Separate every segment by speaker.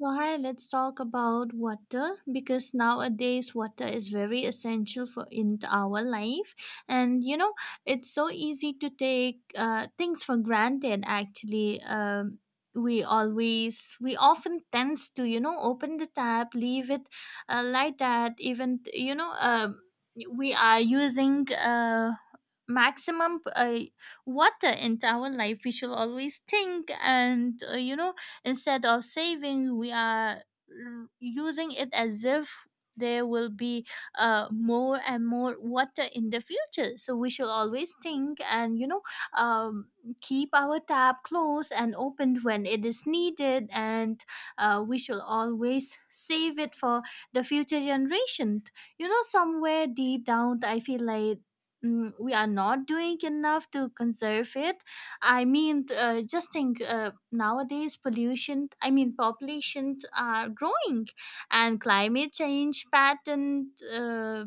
Speaker 1: So, hi, let's talk about water because nowadays water is very essential for in our life, and it's so easy to take things for granted. Actually, we often tends to open the tap, leave it like that. Even we are using. Maximum water into our life, we should always think. And you know Instead of saving, we are using it as if there will be more and more water in the future. So we should always think and, um, keep our tap closed and opened when it is needed. And we should always save it for the future generation. Somewhere deep down, I feel like we are not doing enough to conserve it. I mean, just think, nowadays pollution, I mean, populations are growing, and climate change pattern,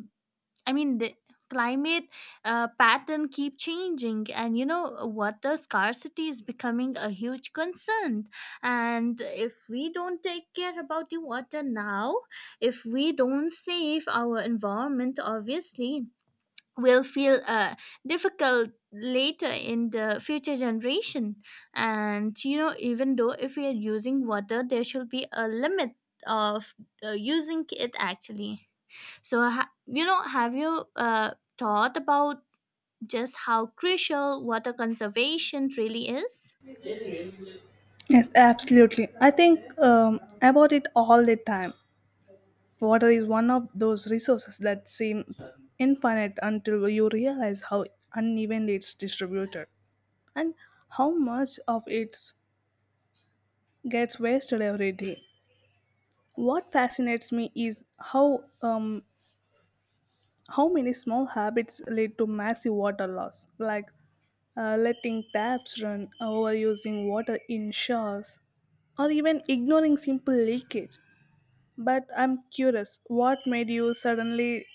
Speaker 1: I mean, the climate pattern keep changing, and water scarcity is becoming a huge concern. And if we don't take care about the water now, if we don't save our environment, obviously will feel difficult later in the future generation. And even though if we are using water, there should be a limit of using it, actually. So have you thought about just how crucial water conservation really is?
Speaker 2: Yes, absolutely. I think about it all the time. Water is one of those resources that seems infinite until you realize how unevenly it's distributed and how much of it gets wasted every day. What fascinates me is how many small habits lead to massive water loss, like letting taps run, overusing water in showers, or even ignoring simple leakage. But I'm curious, what made you suddenly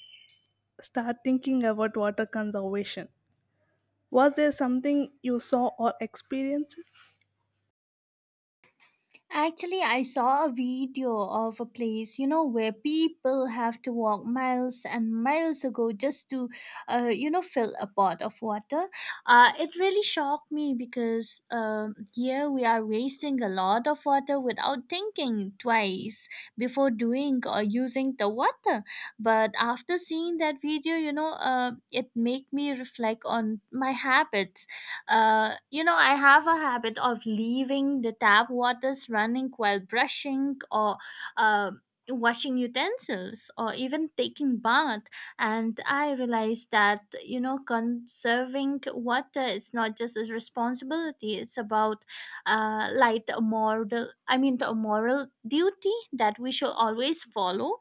Speaker 2: start thinking about water conservation? Was there something you saw or experienced?
Speaker 1: Actually, I saw a video of a place, you know, where people have to walk miles and miles ago just to, fill a pot of water. It really shocked me because here we are wasting a lot of water without thinking twice before doing or using the water. But after seeing that video, it made me reflect on my habits. I have a habit of leaving the tap waters running while brushing, or uh, washing utensils, or even taking bath. And I realized that, you know, conserving water is not just a responsibility, it's about like a moral, I mean, a moral duty that we should always follow.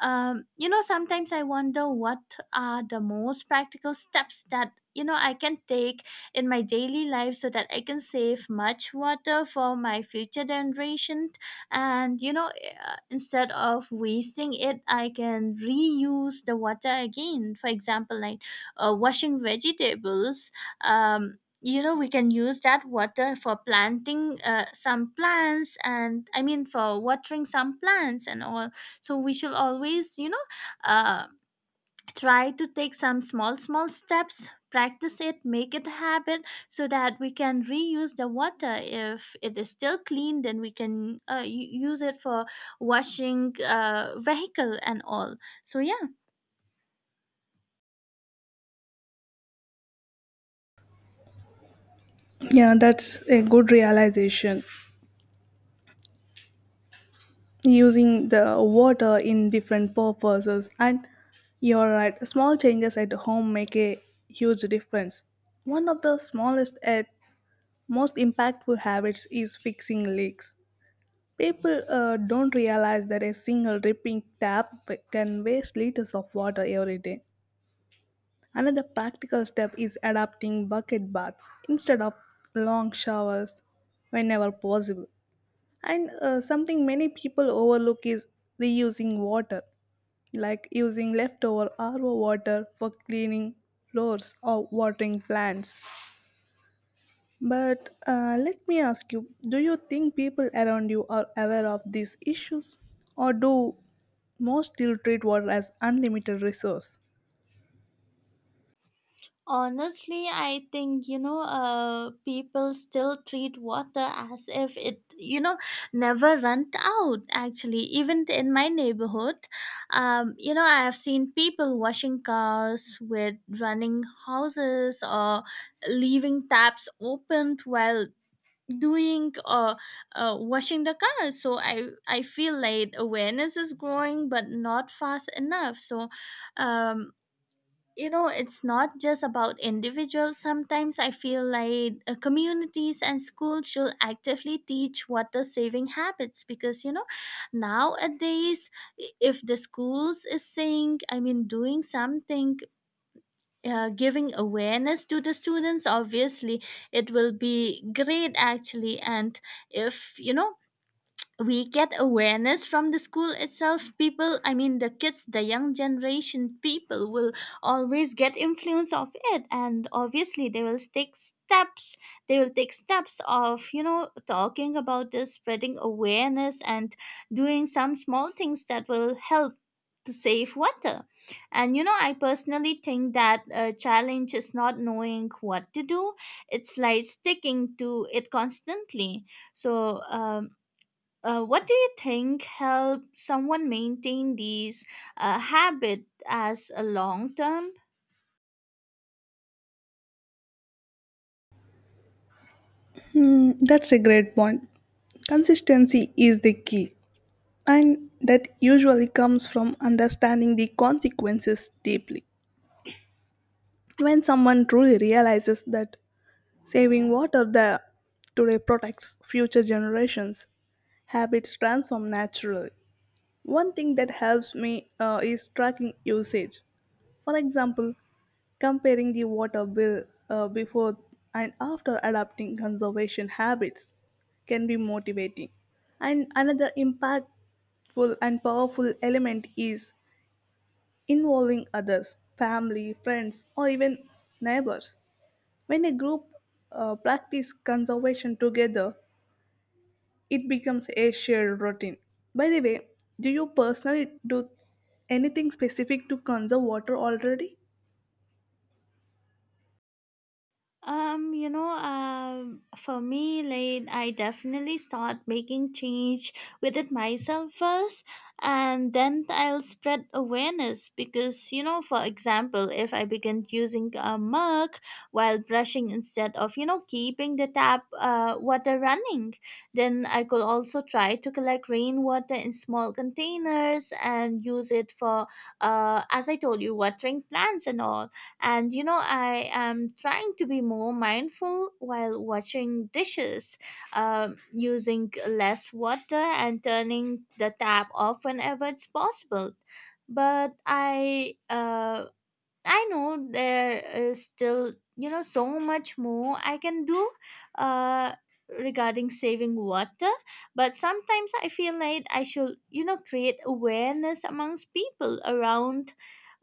Speaker 1: Sometimes I wonder what are the most practical steps that I can take in my daily life so that I can save much water for my future generation. And instead of wasting it, I can reuse the water again, for example, like washing vegetables. We can use that water for planting some plants, and I mean, for watering some plants and all. So we shall always, uh, try to take some small small steps, practice it, make it a habit, so that we can reuse the water. If it is still clean, then we can use it for washing vehicle and all. So yeah.
Speaker 2: Yeah, that's a good realization. Using the water in different purposes, and you're right, small changes at home make a huge difference. One of the smallest and most impactful habits is fixing leaks. People don't realize that a single ripping tap can waste liters of water every day. Another practical step is adopting bucket baths instead of long showers whenever possible. And something many people overlook is reusing water, like using leftover RO water for cleaning floors or watering plants. But let me ask you, do you think people around you are aware of these issues? Or do most still treat water as unlimited resource?
Speaker 1: Honestly, I think, people still treat water as if it never run out. Actually, even in my neighborhood, I have seen people washing cars with running houses, or leaving taps opened while doing, or washing the car. So I feel like awareness is growing, but not fast enough. So, um it's not just about individuals. Sometimes I feel like communities and schools should actively teach water saving habits, because nowadays, if the schools is saying, I mean, doing something, giving awareness to the students, obviously it will be great actually. And if we get awareness from the school itself, people, I mean, the kids, the young generation people will always get influence of it, and obviously they will take steps. They will take steps of talking about this, spreading awareness, and doing some small things that will help to save water. And I personally think that a challenge is not knowing what to do, it's like sticking to it constantly. So, what do you think help someone maintain these habit as a long term?
Speaker 2: Hmm, that's a great point. Consistency is the key, and that usually comes from understanding the consequences deeply. When someone truly realizes that saving water the today protects future generations, habits transform naturally. One thing that helps me is tracking usage. For example, comparing the water bill before and after adopting conservation habits can be motivating. And another impactful and powerful element is involving others, family, friends, or even neighbors. When a group practice conservation together, it becomes a shared routine. By the way, do you personally do anything specific to conserve water already?
Speaker 1: For me, like, I definitely start making change within myself first, and then I'll spread awareness, because for example, if I begin using a mug while brushing instead of keeping the tap water running, then I could also try to collect rainwater in small containers and use it for, as I told you, watering plants and all. And I am trying to be more mindful while washing dishes, using less water and turning the tap off whenever it's possible. But I know there is still, you know, so much more I can do uh, regarding saving water. But sometimes I feel like I should, create awareness amongst people around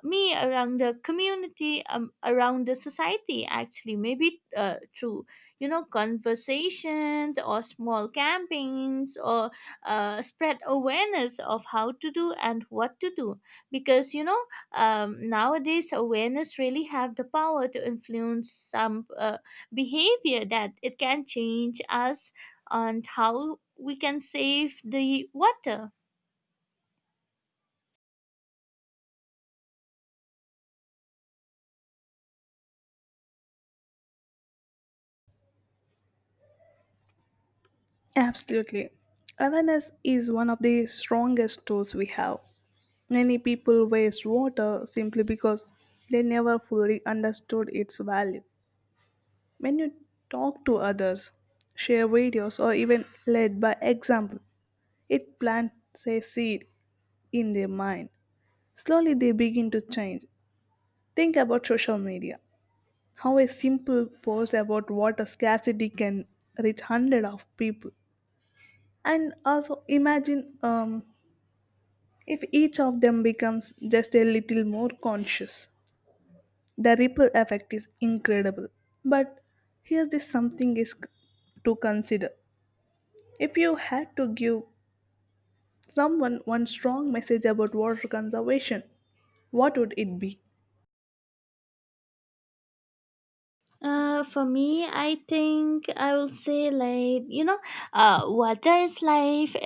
Speaker 1: me, around the community, around the society, actually, maybe through conversations, or small campaigns, or spread awareness of how to do and what to do, because nowadays awareness really have the power to influence some behavior that it can change us on how we can save the water.
Speaker 2: Absolutely. Awareness is one of the strongest tools we have. Many people waste water simply because they never fully understood its value. When you talk to others, share videos, or even lead by example, it plants a seed in their mind. Slowly they begin to change. Think about social media. How a simple post about water scarcity can reach hundreds of people. And also imagine if each of them becomes just a little more conscious. The ripple effect is incredible. But here's this something is to consider. If you had to give someone one strong message about water conservation, what would it be?
Speaker 1: For me, I think I will say, like, water is life.